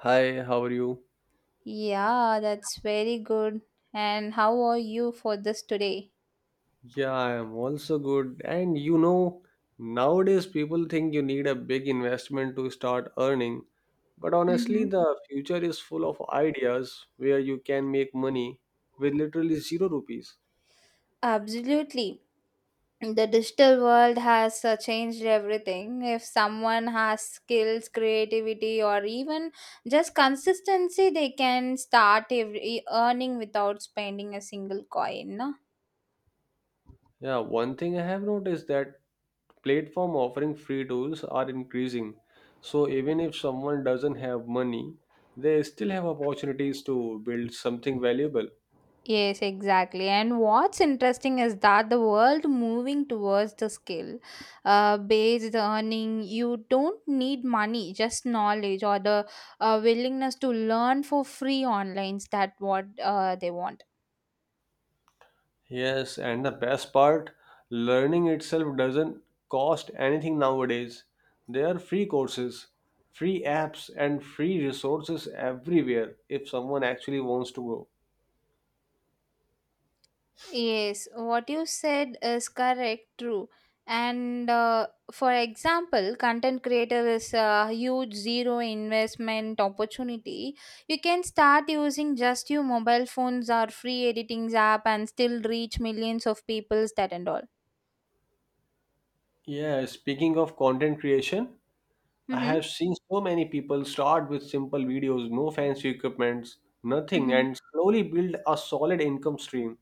Hi, how are you? Yeah, that's very good. And how are you for this today? Yeah, I am also good. And you know, nowadays people think you need a big investment to start earning. But honestly, hmm the future is full of ideas where you can make money with literally zero rupees. Absolutely. The digital world has changed everything. If someone has skills, creativity, or even just consistency, they can start earning without spending a single coin. Yeah, one thing I have noticed that platform offering free tools are increasing. So even if someone doesn't have money, they still have opportunities to build something valuable. Yes, exactly. And what's interesting is that the world moving towards the skill based earning, you don't need money, just knowledge or the willingness to learn for free online. That what they want. Yes, and the best part, learning itself doesn't cost anything nowadays. There are free courses, free apps, and free resources everywhere if someone actually wants to go. Yes, what you said is correct, true. And for example, content creator is a huge zero investment opportunity. You can start using just your mobile phones or free editing app and still reach millions of people, that and all. Yeah, speaking of content creation, I Mm-hmm. have seen so many people start with simple videos, no fancy equipments, nothing, Mm-hmm. and slowly build a solid income stream.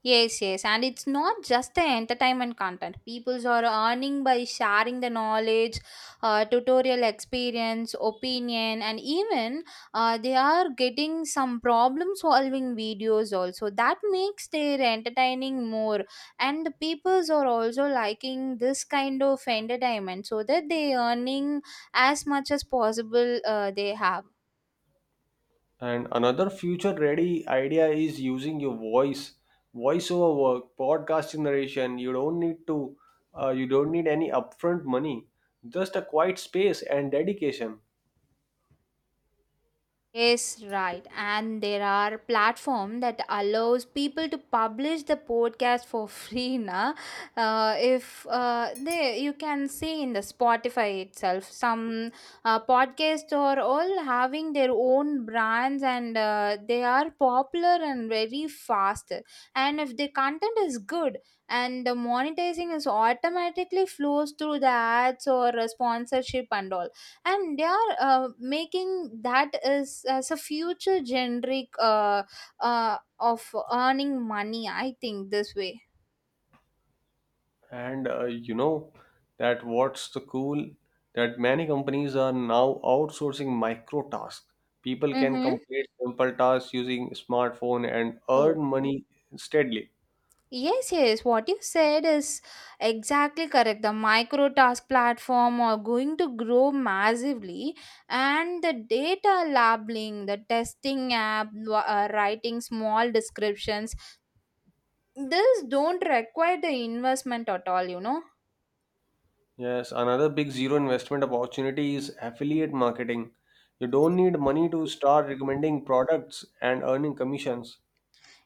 Yes, yes, and it's not just the entertainment content. Peoples are earning by sharing the knowledge, tutorial experience, opinion, and even they are getting some problem solving videos also. That makes their entertaining more, and the peoples are also liking this kind of entertainment so that they earning as much as possible. They have. And another future ready idea is using your voice, voiceover work, podcast narration. You don't need any upfront money, just a quiet space and dedication. Yes, right. And there are platform that allows people to publish the podcast for free na. If they you can see in the Spotify itself, some podcasts are all having their own brands and they are popular and very fast. And if the content is good and the monetizing is automatically flows through the ads or sponsorship and all and they are making that as a future generic of earning money. I think this way. And you know that what's the cool that many companies are now outsourcing micro tasks. People can Mm-hmm. complete simple tasks using smartphone and Oh. earn money steadily. Yes, yes, what you said is exactly correct. The micro task platform are going to grow massively, and the data labeling, the testing app, writing small descriptions, this don't require the investment at all, you know. Yes, another big zero investment opportunity is affiliate marketing. You don't need money to start recommending products and earning commissions.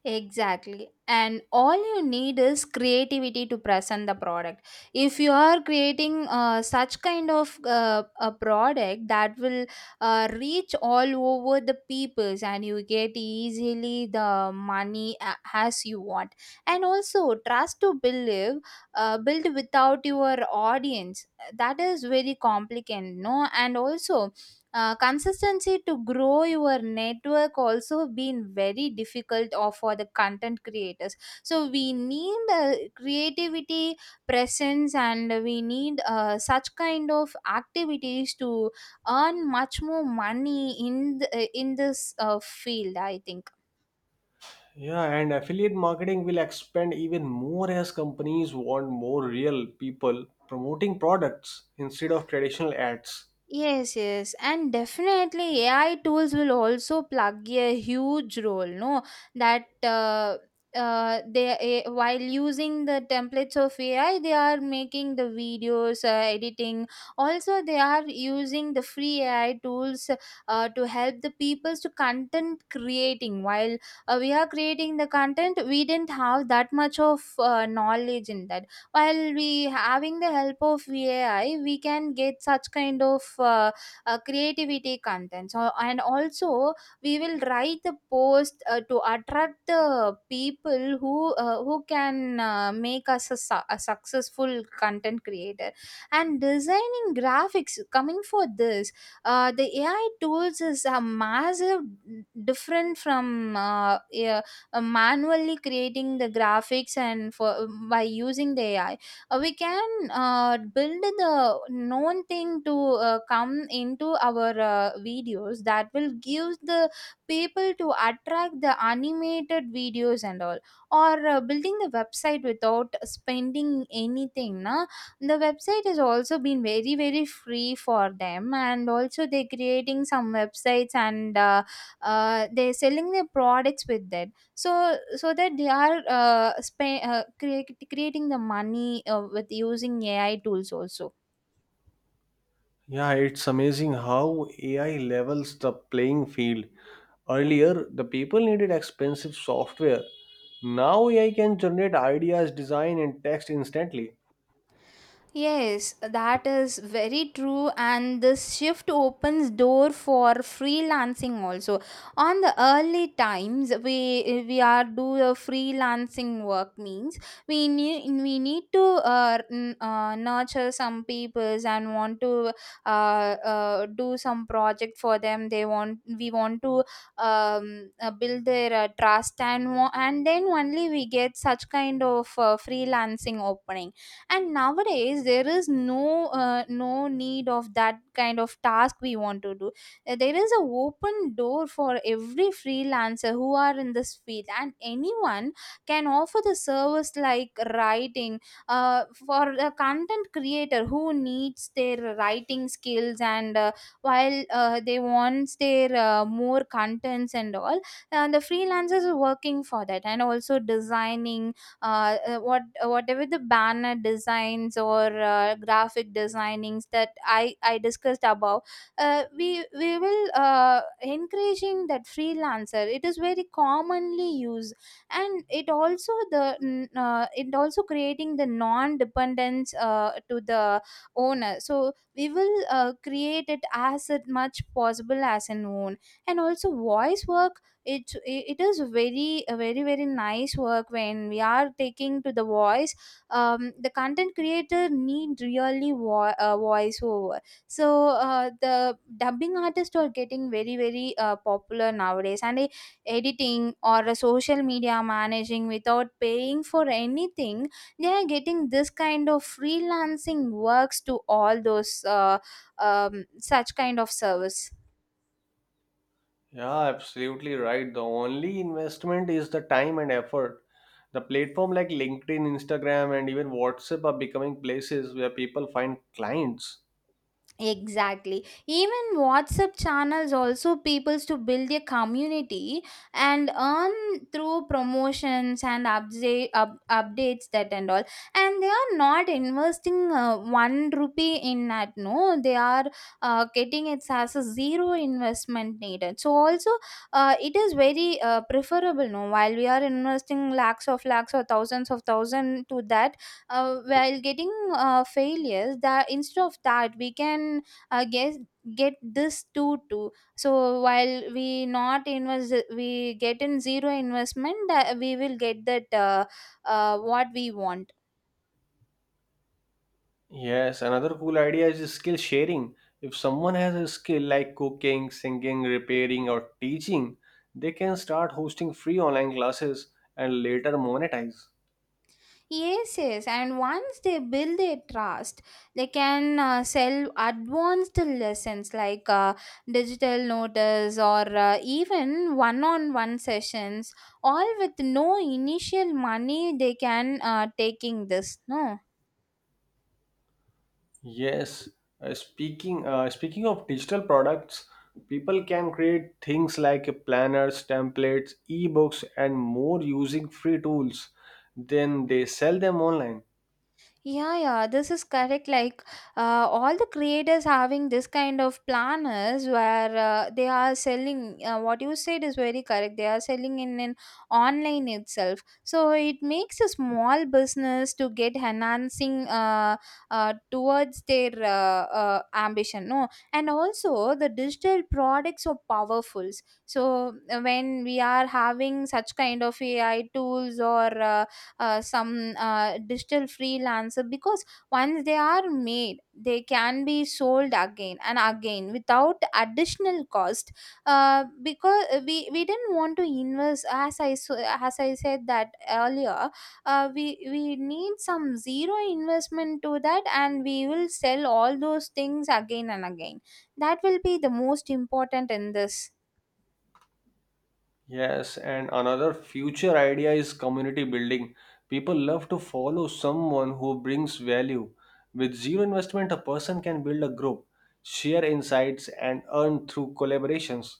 Exactly. And all you need is creativity to present the product. If you are creating such kind of a product that will reach all over the peoples and you get easily the money as you want. And also trust to believe, build without your audience. That is very complicated, no? And also consistency to grow your network also been very difficult or for the content creators so we need creativity presence and we need such kind of activities to earn much more money in in this field. I think. Yeah, and affiliate marketing will expand even more as companies want more real people promoting products instead of traditional ads. Yes, yes, and definitely AI tools will also plug a huge role. No, that they while using the templates of AI, they are making the videos, editing. Also, they are using the free AI tools to help the peoples to content creating. While we are creating the content, we didn't have that much of knowledge in that while we having the help of AI we can get such kind of creativity content. So, and also we will write the post to attract the people who can make us a successful content creator and designing graphics coming for this the AI tools is a massive different from manually creating the graphics and for by using the AI we can build the known thing to come into our videos that will give the people to attract the animated videos and all. Or building the website without spending anything na, the website has also been very very free for them and also they're creating some websites and they're selling their products with that. So that they are creating the money with using AI tools also. Yeah, it's amazing how AI levels the playing field. Earlier, the people needed expensive software. Now, AI can generate ideas, design, and text instantly. Yes, that is very true and this shift opens door for freelancing also. On the early times we are do the freelancing work means we need to nurture some peoples and want to do some project for them they want we want to build their trust and then only we get such kind of freelancing opening. And nowadays there is no no need of that kind of task we want to do. There is a open door for every freelancer who are in this field and anyone can offer the service like writing for a content creator who needs their writing skills and while they wants their more contents and all. And the freelancers are working for that and also designing whatever the banner designs or graphic designings that I discussed above. We will encouraging that freelancer. It is very commonly used, and it also it also creating the non dependence to the owner. So we will create it as it much possible as an own. And also voice work, it is very a very very nice work when we are taking to the voice. The content creator need really voice over. So the dubbing artists are getting very very popular nowadays. And editing or a social media managing without paying for anything, they are getting this kind of freelancing works to all those such kind of service. Yeah, absolutely right. The only investment is the time and effort. The platform like LinkedIn, Instagram, and even WhatsApp are becoming places where people find clients. Exactly. Even WhatsApp channels also peoples to build a community and earn through promotions and updates that and all. And they are not investing one rupee in that. No, they are getting it as a zero investment needed. So also, it is very preferable. No, while we are investing lakhs of lakhs or thousands of thousand to that while getting failures that instead of that we can guess get this two too. So while we not invest we get in zero investment, we will get that what we want. Yes, another cool idea is skill sharing. If someone has a skill like cooking, singing, repairing, or teaching, they can start hosting free online classes and later monetize. Yes, yes, and once they build their trust, they can sell advanced lessons like digital notice or even one on one sessions, all with no initial money they can taking this. No. Yes, speaking of digital products, people can create things like planners, templates, ebooks, and more using free tools. Then they sell them online. Yeah, yeah, this is correct. Like, all the creators having this kind of planners where they are selling, what you said is very correct. They are selling in an online itself. So, it makes a small business to get enhancing towards their ambition. No, and also the digital products are powerful. So, when we are having such kind of AI tools or some digital freelancer, because once they are made they can be sold again and again without additional cost because we didn't want to invest as as I said that earlier. We need some zero investment to that and we will sell all those things again and again. That will be the most important in this. Yes, and another future idea is community building. People love to follow someone who brings value. With zero investment, a person can build a group, share insights, and earn through collaborations.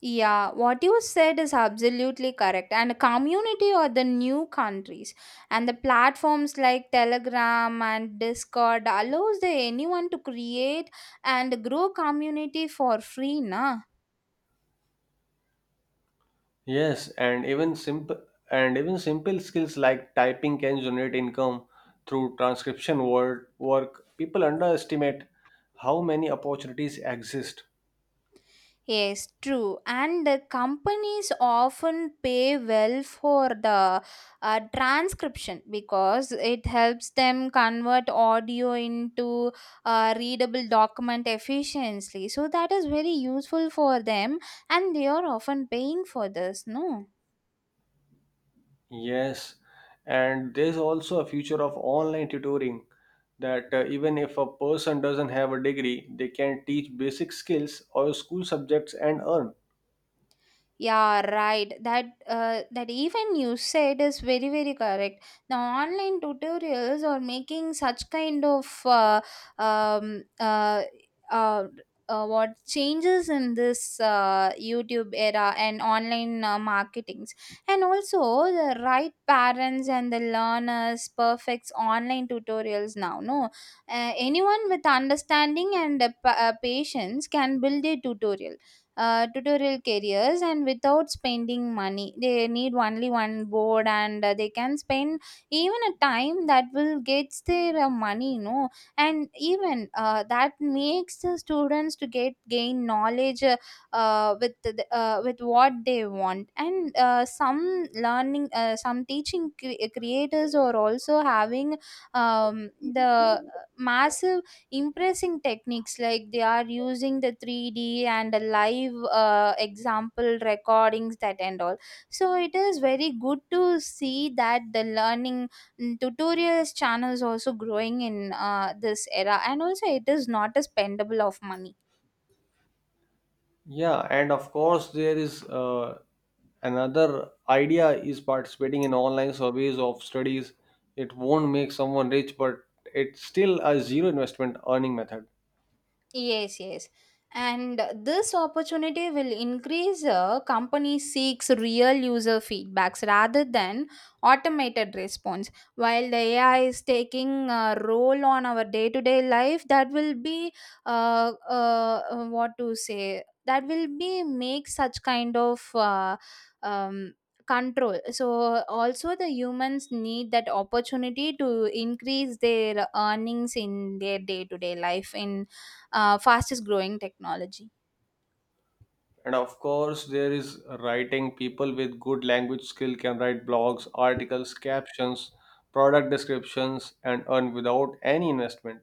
Yeah, what you said is absolutely correct. And a community or the new countries and the platforms like Telegram and Discord allows the anyone to create and grow community for free, na? Yes, and even simple skills like typing can generate income through transcription word work. People underestimate how many opportunities exist. Yes, true. And the companies often pay well for the transcription because it helps them convert audio into readable document efficiently. So that is very useful for them, and they are often paying for this, no? Yes, and there's also a future of online tutoring that even if a person doesn't have a degree, they can teach basic skills or school subjects and earn. Yeah, right. That even you said is very very correct. The online tutorials are making such kind of um, uh, uh, what changes in this YouTube era and online marketings, and also the right parents and the learners perfects online tutorials now. No, anyone with understanding and patience can build a tutorial careers and without spending money they need only one board and they can spend even a time that will get their money, you know. And even that makes the students to get gain knowledge with with what they want. And some learning some teaching creators are also having the massive impressing techniques like they are using the 3D and the live example recordings that and all. So it is very good to see that the learning tutorials channels also growing in this era, and also it is not a spendable of money. Yeah, and of course there is another idea is participating in online surveys of studies. It won't make someone rich, but it's still a zero investment earning method. Yes, yes. And this opportunity will increase a company seeks real user feedbacks rather than automated response. While the AI is taking a role on our day to day life, that will be what to say, that will be make such kind of um, control. So, also the humans need that opportunity to increase their earnings in their day to day life in fastest growing technology. And of course, there is writing. People with good language skill can write blogs, articles, captions, product descriptions, and earn without any investment.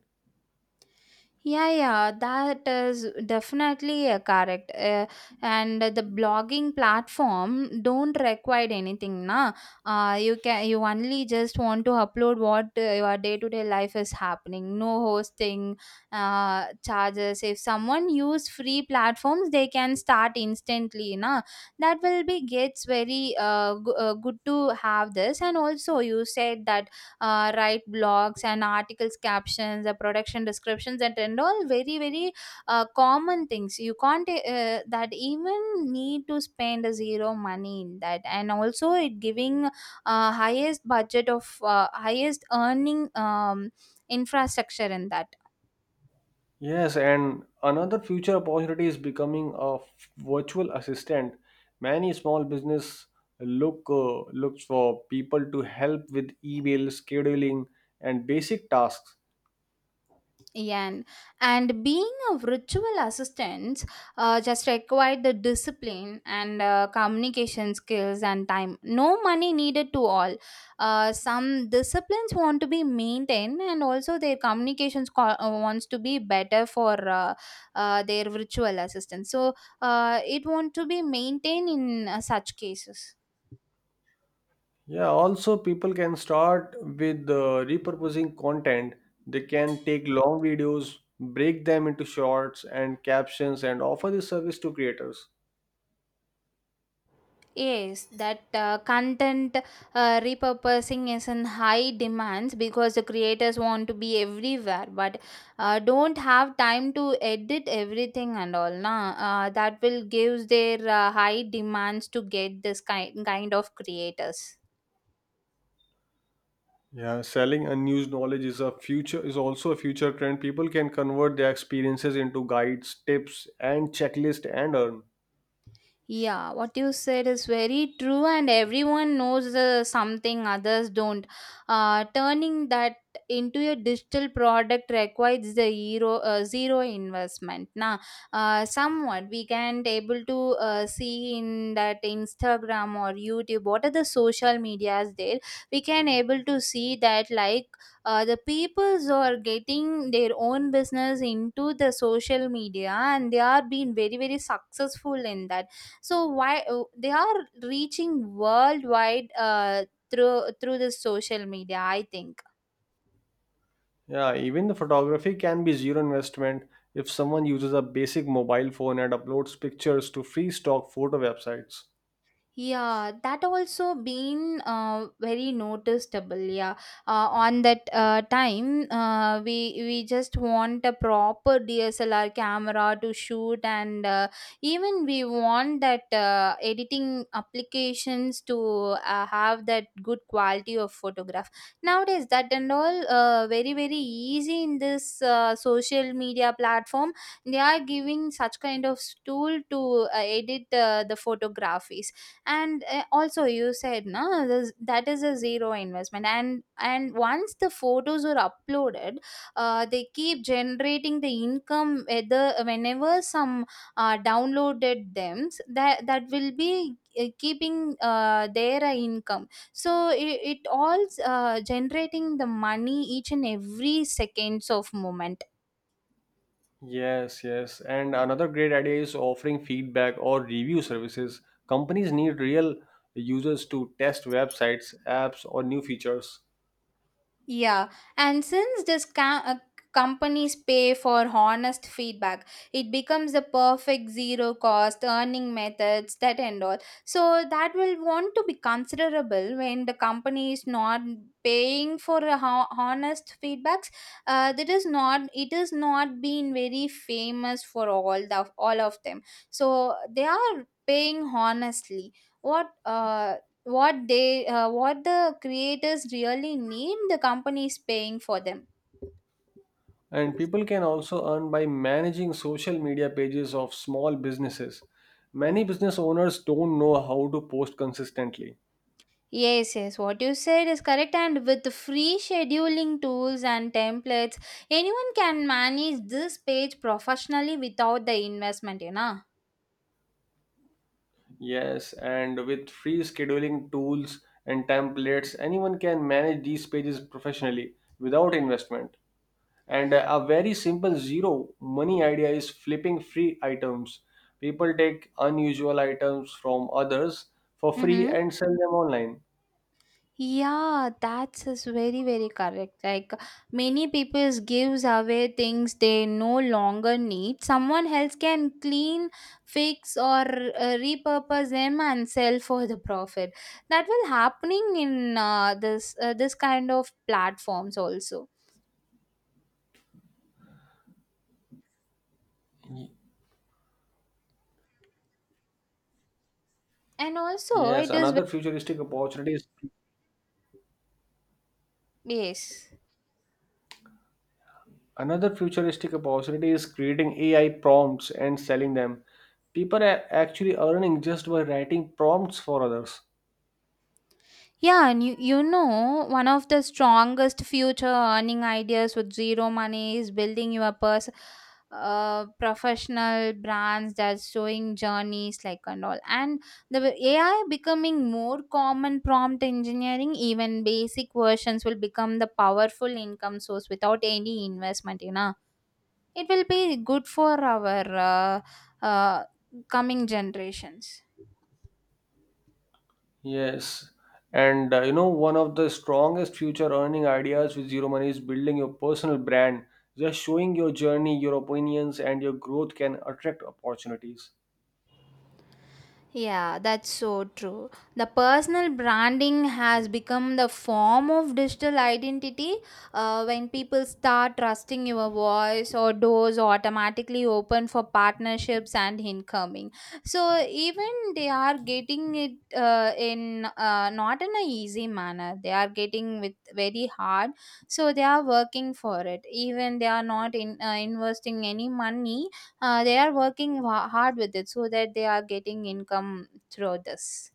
Yeah, yeah, that is definitely correct. And the blogging platform don't require anything, na. You can you only just want to upload what your day to day life is happening, no hosting charges. If someone use free platforms, they can start instantly, na. That will be gets very good to have this. And also you said that write blogs and articles, captions, the production descriptions, and all very very common things you can't that even need to spend a zero money in that, and also it giving highest budget of highest earning infrastructure in that. Yes, and another future opportunity is becoming a virtual assistant. Many small business looks for people to help with email scheduling and basic tasks. Yeah, and being a virtual assistant just required the discipline and communication skills and time. No money needed to all. Some disciplines want to be maintained, and also their communications wants to be better for their virtual assistant. So it want to be maintained in such cases. Yeah, also people can start with repurposing content. They can take long videos, break them into shorts and captions, and offer this service to creators. Yes, that content repurposing is in high demands because the creators want to be everywhere, but don't have time to edit everything and all. Na, that will gives their high demands to get this kind of creators. Yeah, selling unused knowledge is also a future trend. People can convert their experiences into guides, tips, and checklist and earn. Yeah, what you said is very true, and everyone knows the something others don't. Turning that into a digital product requires the zero investment. Now, somewhat we can able to see in that Instagram or YouTube, what are the social medias there? We can able to see that like the peoples are getting their own business into the social media, and they are being very very successful in that. So why oh, they are reaching worldwide through the social media, I think. Yeah, even the photography can be zero investment if someone uses a basic mobile phone and uploads pictures to free stock photo websites. Yeah, that also been very noticeable. Yeah, on that time, we just want a proper DSLR camera to shoot, and even we want that editing applications to have that good quality of photograph. Nowadays, that and all very very easy in this social media platform. They are giving such kind of tool to edit the photography, and also you said no this, that is a zero investment, and once the photos are uploaded, they keep generating the income whether whenever some downloaded them, that will be keeping their income. So it all generating the money each and every seconds of moment. Yes, yes. And another great idea is offering feedback or review services. Companies need real users to test websites, apps, or new features. Yeah, and companies pay for honest feedback, it becomes the perfect zero cost earning methods that and all. So that will want to be considerable when the company is not paying for a honest feedbacks. That is not, it is not been very famous for all the all of them. So they are paying honestly. What uh what the creators really need the company is paying for them. And people can also earn by managing social media pages of small businesses. Many business owners don't know how to post consistently. Yes, yes, what you said is correct, and with the free scheduling tools and templates, anyone can manage this page professionally without the investment. Yes, and with free scheduling tools and templates, anyone can manage these pages professionally without investment. And a very simple zero money idea is flipping free items. People take unusual items from others for free Mm-hmm. and sell them online. Yeah, that's is very very correct. Like many people gives away things they no longer need. Someone else can clean, fix or repurpose them and sell for the profit. That will happening in this kind of platforms also. Y- And also Yes, it is ve- another futuristic opportunity is Yes. Another futuristic opportunity is creating AI prompts and selling them. People are actually earning just by writing prompts for others. Yeah, and one of the strongest future earning ideas with zero money is building your professional brands that's showing journeys like and all. And the AI becoming more common prompt engineering, even basic versions will become the powerful income source without any investment. It will be good for our uh, coming generations. Yes. And you know, one of the strongest future earning ideas with Zero Money is building your personal brand. Just showing your journey, your opinions, and your growth can attract opportunities. Yeah, that's so true. The personal branding has become the form of digital identity. When people start trusting your voice, or doors automatically open for partnerships and incoming. So even they are getting it in not in an easy manner. They are getting with very hard. So they are working for it. Even they are not in investing any money, they are working hard with it, so that they are getting income through this.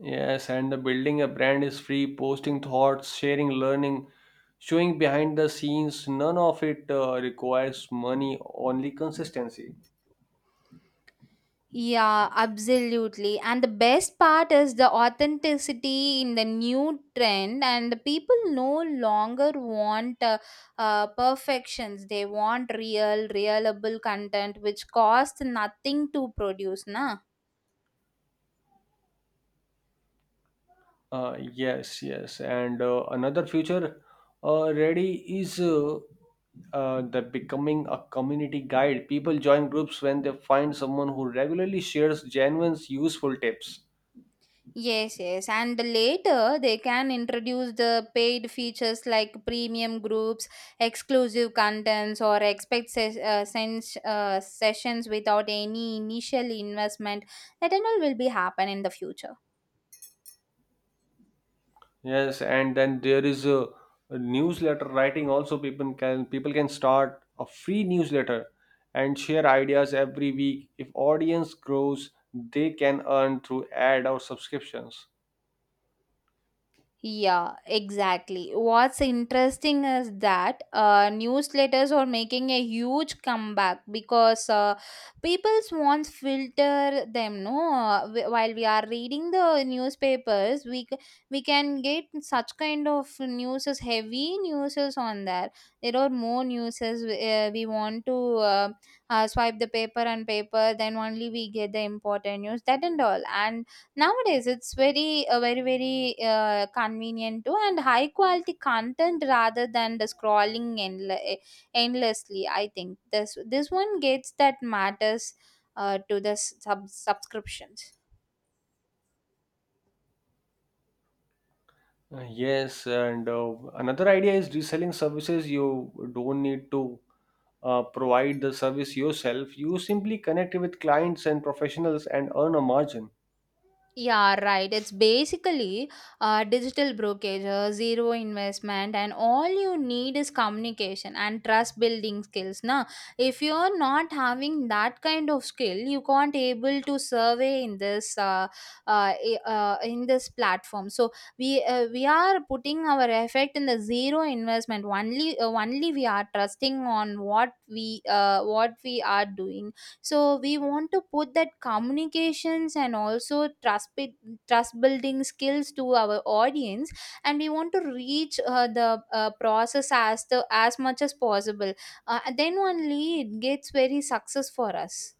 Yes, and the building a brand is free, posting thoughts, sharing learning, showing behind the scenes. None of it requires money, only consistency. Yeah, absolutely. And the best part is the authenticity in the new trend, and the people no longer want perfections. They want real, reliable content which costs nothing to produce. Na? Yes, yes, and another future ready is the becoming a community guide. People join groups when they find someone who regularly shares genuine, useful tips. Yes, yes. And later they can introduce the paid features like premium groups, exclusive contents, or expect sessions without any initial investment. That and all will be happen in the future. Yes, and then there is a newsletter writing. Also, people can start a free newsletter and share ideas every week. If audience grows, they can earn through ad or subscriptions. Yeah, exactly. What's interesting is that newsletters are making a huge comeback because people's wants filter them. No, while we are reading the newspapers, we can get such kind of news is heavy news is on there. There are more news is, we want to swipe the paper and paper, then only we get the important news that and all. And nowadays it's very very convenient too, and high quality content rather than the scrolling endlessly. I think this one gets that matters to the subscriptions. Yes, and another idea is reselling services. You don't need to provide the service yourself. You simply connect with clients and professionals and earn a margin. Yeah, right. It's basically digital brokerage, zero investment, and all you need is communication and trust building skills. Now, if you're not having that kind of skill, you can't able to survey in in this platform. So we are putting our effect in the zero investment. Only we are trusting on what we are doing, so we want to put that communications, and also trust building skills to our audience, and we want to reach the process as the as much as possible, and then only it gets very success for us.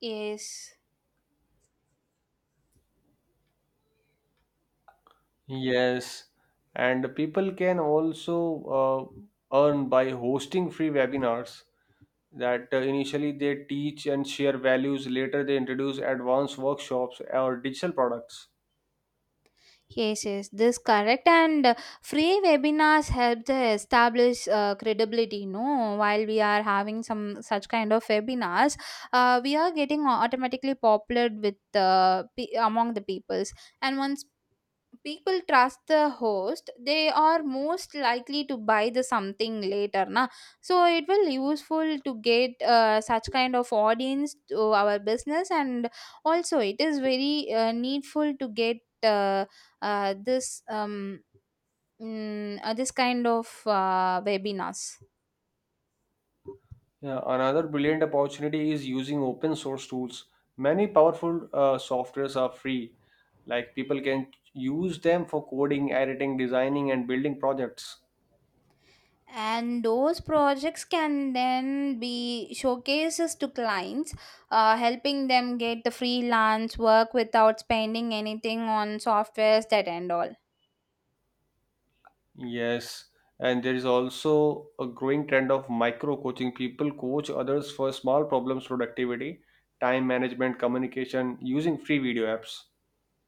Yes. Yes, and people can also uh, earn by hosting free webinars that initially they teach and share values, later they introduce advanced workshops or digital products. Yes, yes, this correct. And free webinars help to establish credibility. No, while we are having some such kind of webinars, we are getting automatically popular with among the peoples. And once people trust the host, they are most likely to buy the something later, na. So it will useful to get such kind of audience to our business, and also it is very needful to get uh, uh, this um, this kind of webinars. Yeah, another brilliant opportunity is using open source tools. Many powerful softwares are free. Like people can use them for coding, editing, designing, and building projects. And those projects can then be showcases to clients, helping them get the freelance work without spending anything on softwares that and all. Yes, and there is also a growing trend of micro coaching. People coach others for small problems, productivity, time management, communication using free video apps.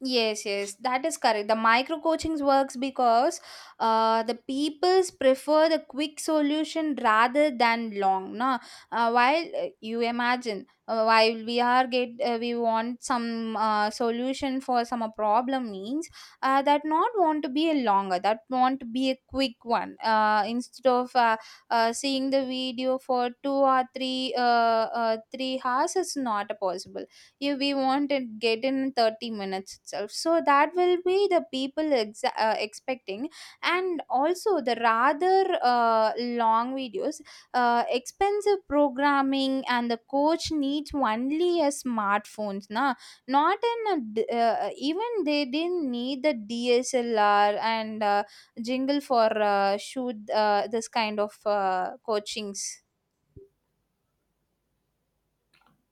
Yes, yes, that is correct. The micro coachings works because the peoples prefer the quick solution rather than long. No, while you imagine, while we are get we want some solution for some problem means that not want to be a longer, that want to be a quick one. Instead of seeing the video for two or three hours is not possible if we want it get in 30 minutes itself, so that will be the people ex expecting. And also the rather long videos, expensive programming, and the coach needs only a smartphones, na. Not in a d- Even they didn't need the DSLR and jingle for shoot this kind of coachings.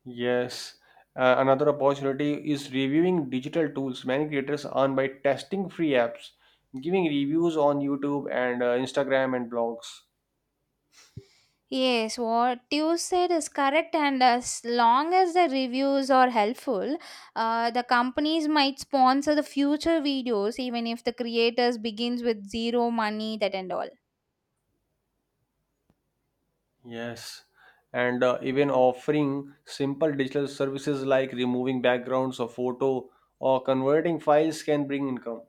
Yes. Another opportunity is reviewing digital tools. Many creators earn by testing free apps, giving reviews on YouTube and Instagram and blogs. Yes, what you said is correct, and as long as the reviews are helpful, the companies might sponsor the future videos, even if the creators begins with zero money, that and all. Yes. And even offering simple digital services like removing backgrounds of photo or converting files can bring income.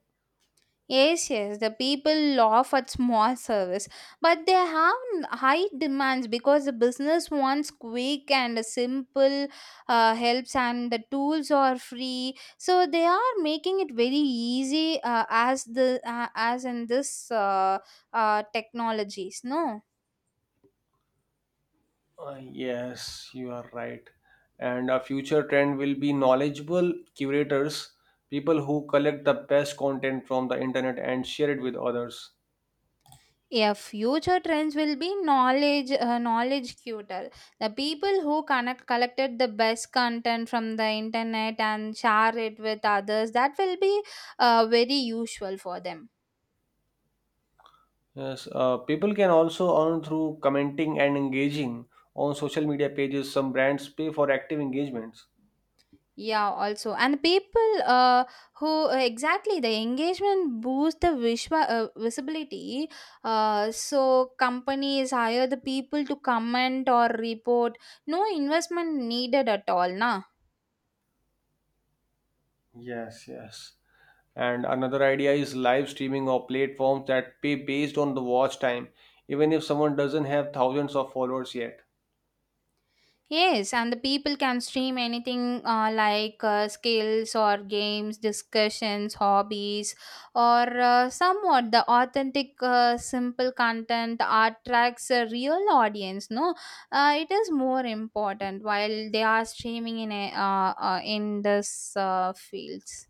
Yes, yes, the people laugh at small service, but they have high demands because the business wants quick and simple helps, and the tools are free. So they are making it very easy as in this technologies. No. Yes, you are right. And a future trend will be knowledgeable curators, people who collect the best content from the internet and share it with others. Yeah, future trends will be knowledge cuter. The people who connect, collected the best content from the internet and share it with others, that will be very useful for them. Yes, people can also earn through commenting and engaging on social media pages. Some brands pay for active engagements. Yeah, also, and people who exactly the engagement boosts the visual visibility. So companies hire the people to comment or report. No investment needed at all, na. Yes, yes. And another idea is live streaming or platforms that pay based on the watch time, even if someone doesn't have thousands of followers yet. Yes, and the people can stream anything like skills or games, discussions, hobbies, or somewhat the authentic, simple content attracts a real audience. No, it is more important while they are streaming in this fields.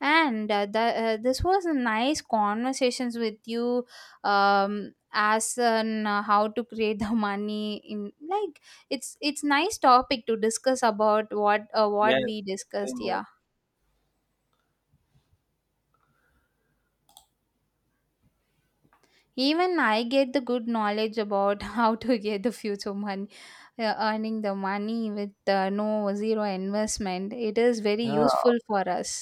And this was a nice conversations with you. As on how to create the money in like, it's nice topic to discuss about what Yes, we discussed. same here. Yeah. Even I get the good knowledge about how to get the future money, earning the money with no zero investment. It is very Yeah, useful for us.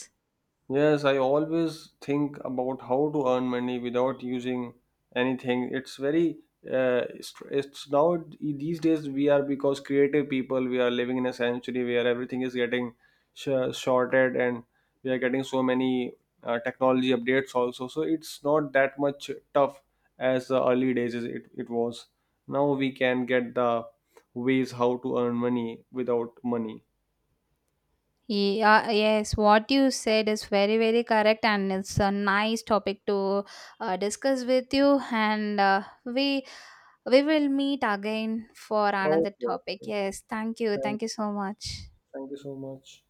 yes, I always think about how to earn money without using anything. It's very it's now e, These days we are because creative people we are living in a century where everything is getting sh- shorted and we are getting so many technology updates also. So it's not that much tough as the early days it was. Now we can get the ways how to earn money without money. Yeah, yes, what you said is very, very correct, and it's a nice topic to discuss with you. And we will meet again for another Okay. topic. Okay. Yes, Thank thank you. you so much. Thank you so much.